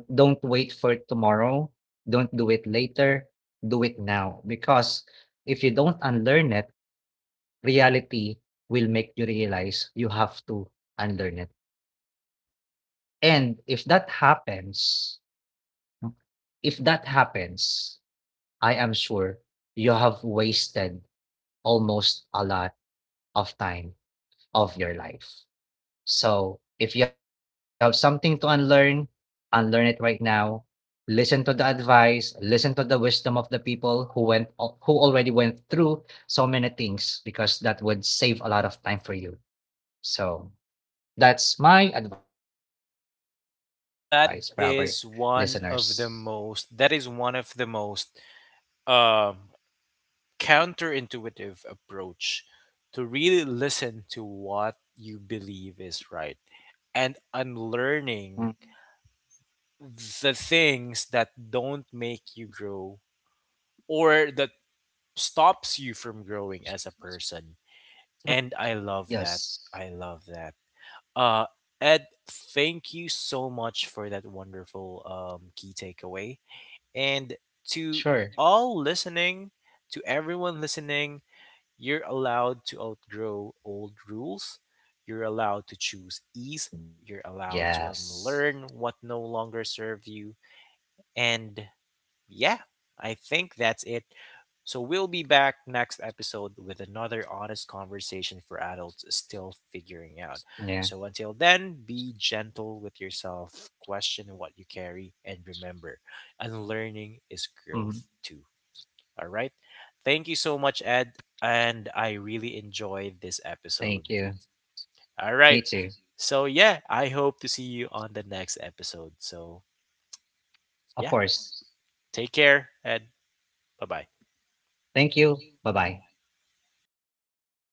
Speaker 2: Don't wait for tomorrow. Don't do it later. Do it now because if you don't unlearn it, reality will make you realize you have to unlearn it. And if that happens, if that happens, I am sure you have wasted almost a lot of time of your life. So if you have something to unlearn, unlearn it right now. Listen to the advice, listen to the wisdom of the people who who already went through so many things because that would save a lot of time for you. So that's my advice for our listeners.
Speaker 1: that that is one of the most um, counterintuitive approach to really listen to what you believe is right, and unlearning the things that don't make you grow or that stops you from growing as a person. And
Speaker 2: Yes.
Speaker 1: I love that uh Ed, thank you so much for that wonderful key takeaway. And
Speaker 2: Sure.
Speaker 1: to all listening to everyone listening, you're allowed to outgrow old rules. You're allowed to choose ease. You're
Speaker 2: Yes.
Speaker 1: allowed to unlearn what no longer serve you. And yeah, I think that's it. So we'll be back next episode with another honest conversation for adults still figuring out.
Speaker 2: Yeah.
Speaker 1: So until then, be gentle with yourself, question what you carry, and remember, unlearning is
Speaker 2: Mhm.
Speaker 1: growth too. All right. Thank you so much, Ed. And I really enjoyed this
Speaker 2: Thank
Speaker 1: episode.
Speaker 2: you.
Speaker 1: All
Speaker 2: Me
Speaker 1: right.
Speaker 2: too.
Speaker 1: So yeah, I hope to see you on the next episode. So
Speaker 2: Of course.
Speaker 1: yeah, take care, Ed. Bye bye.
Speaker 2: Thank you. Bye bye.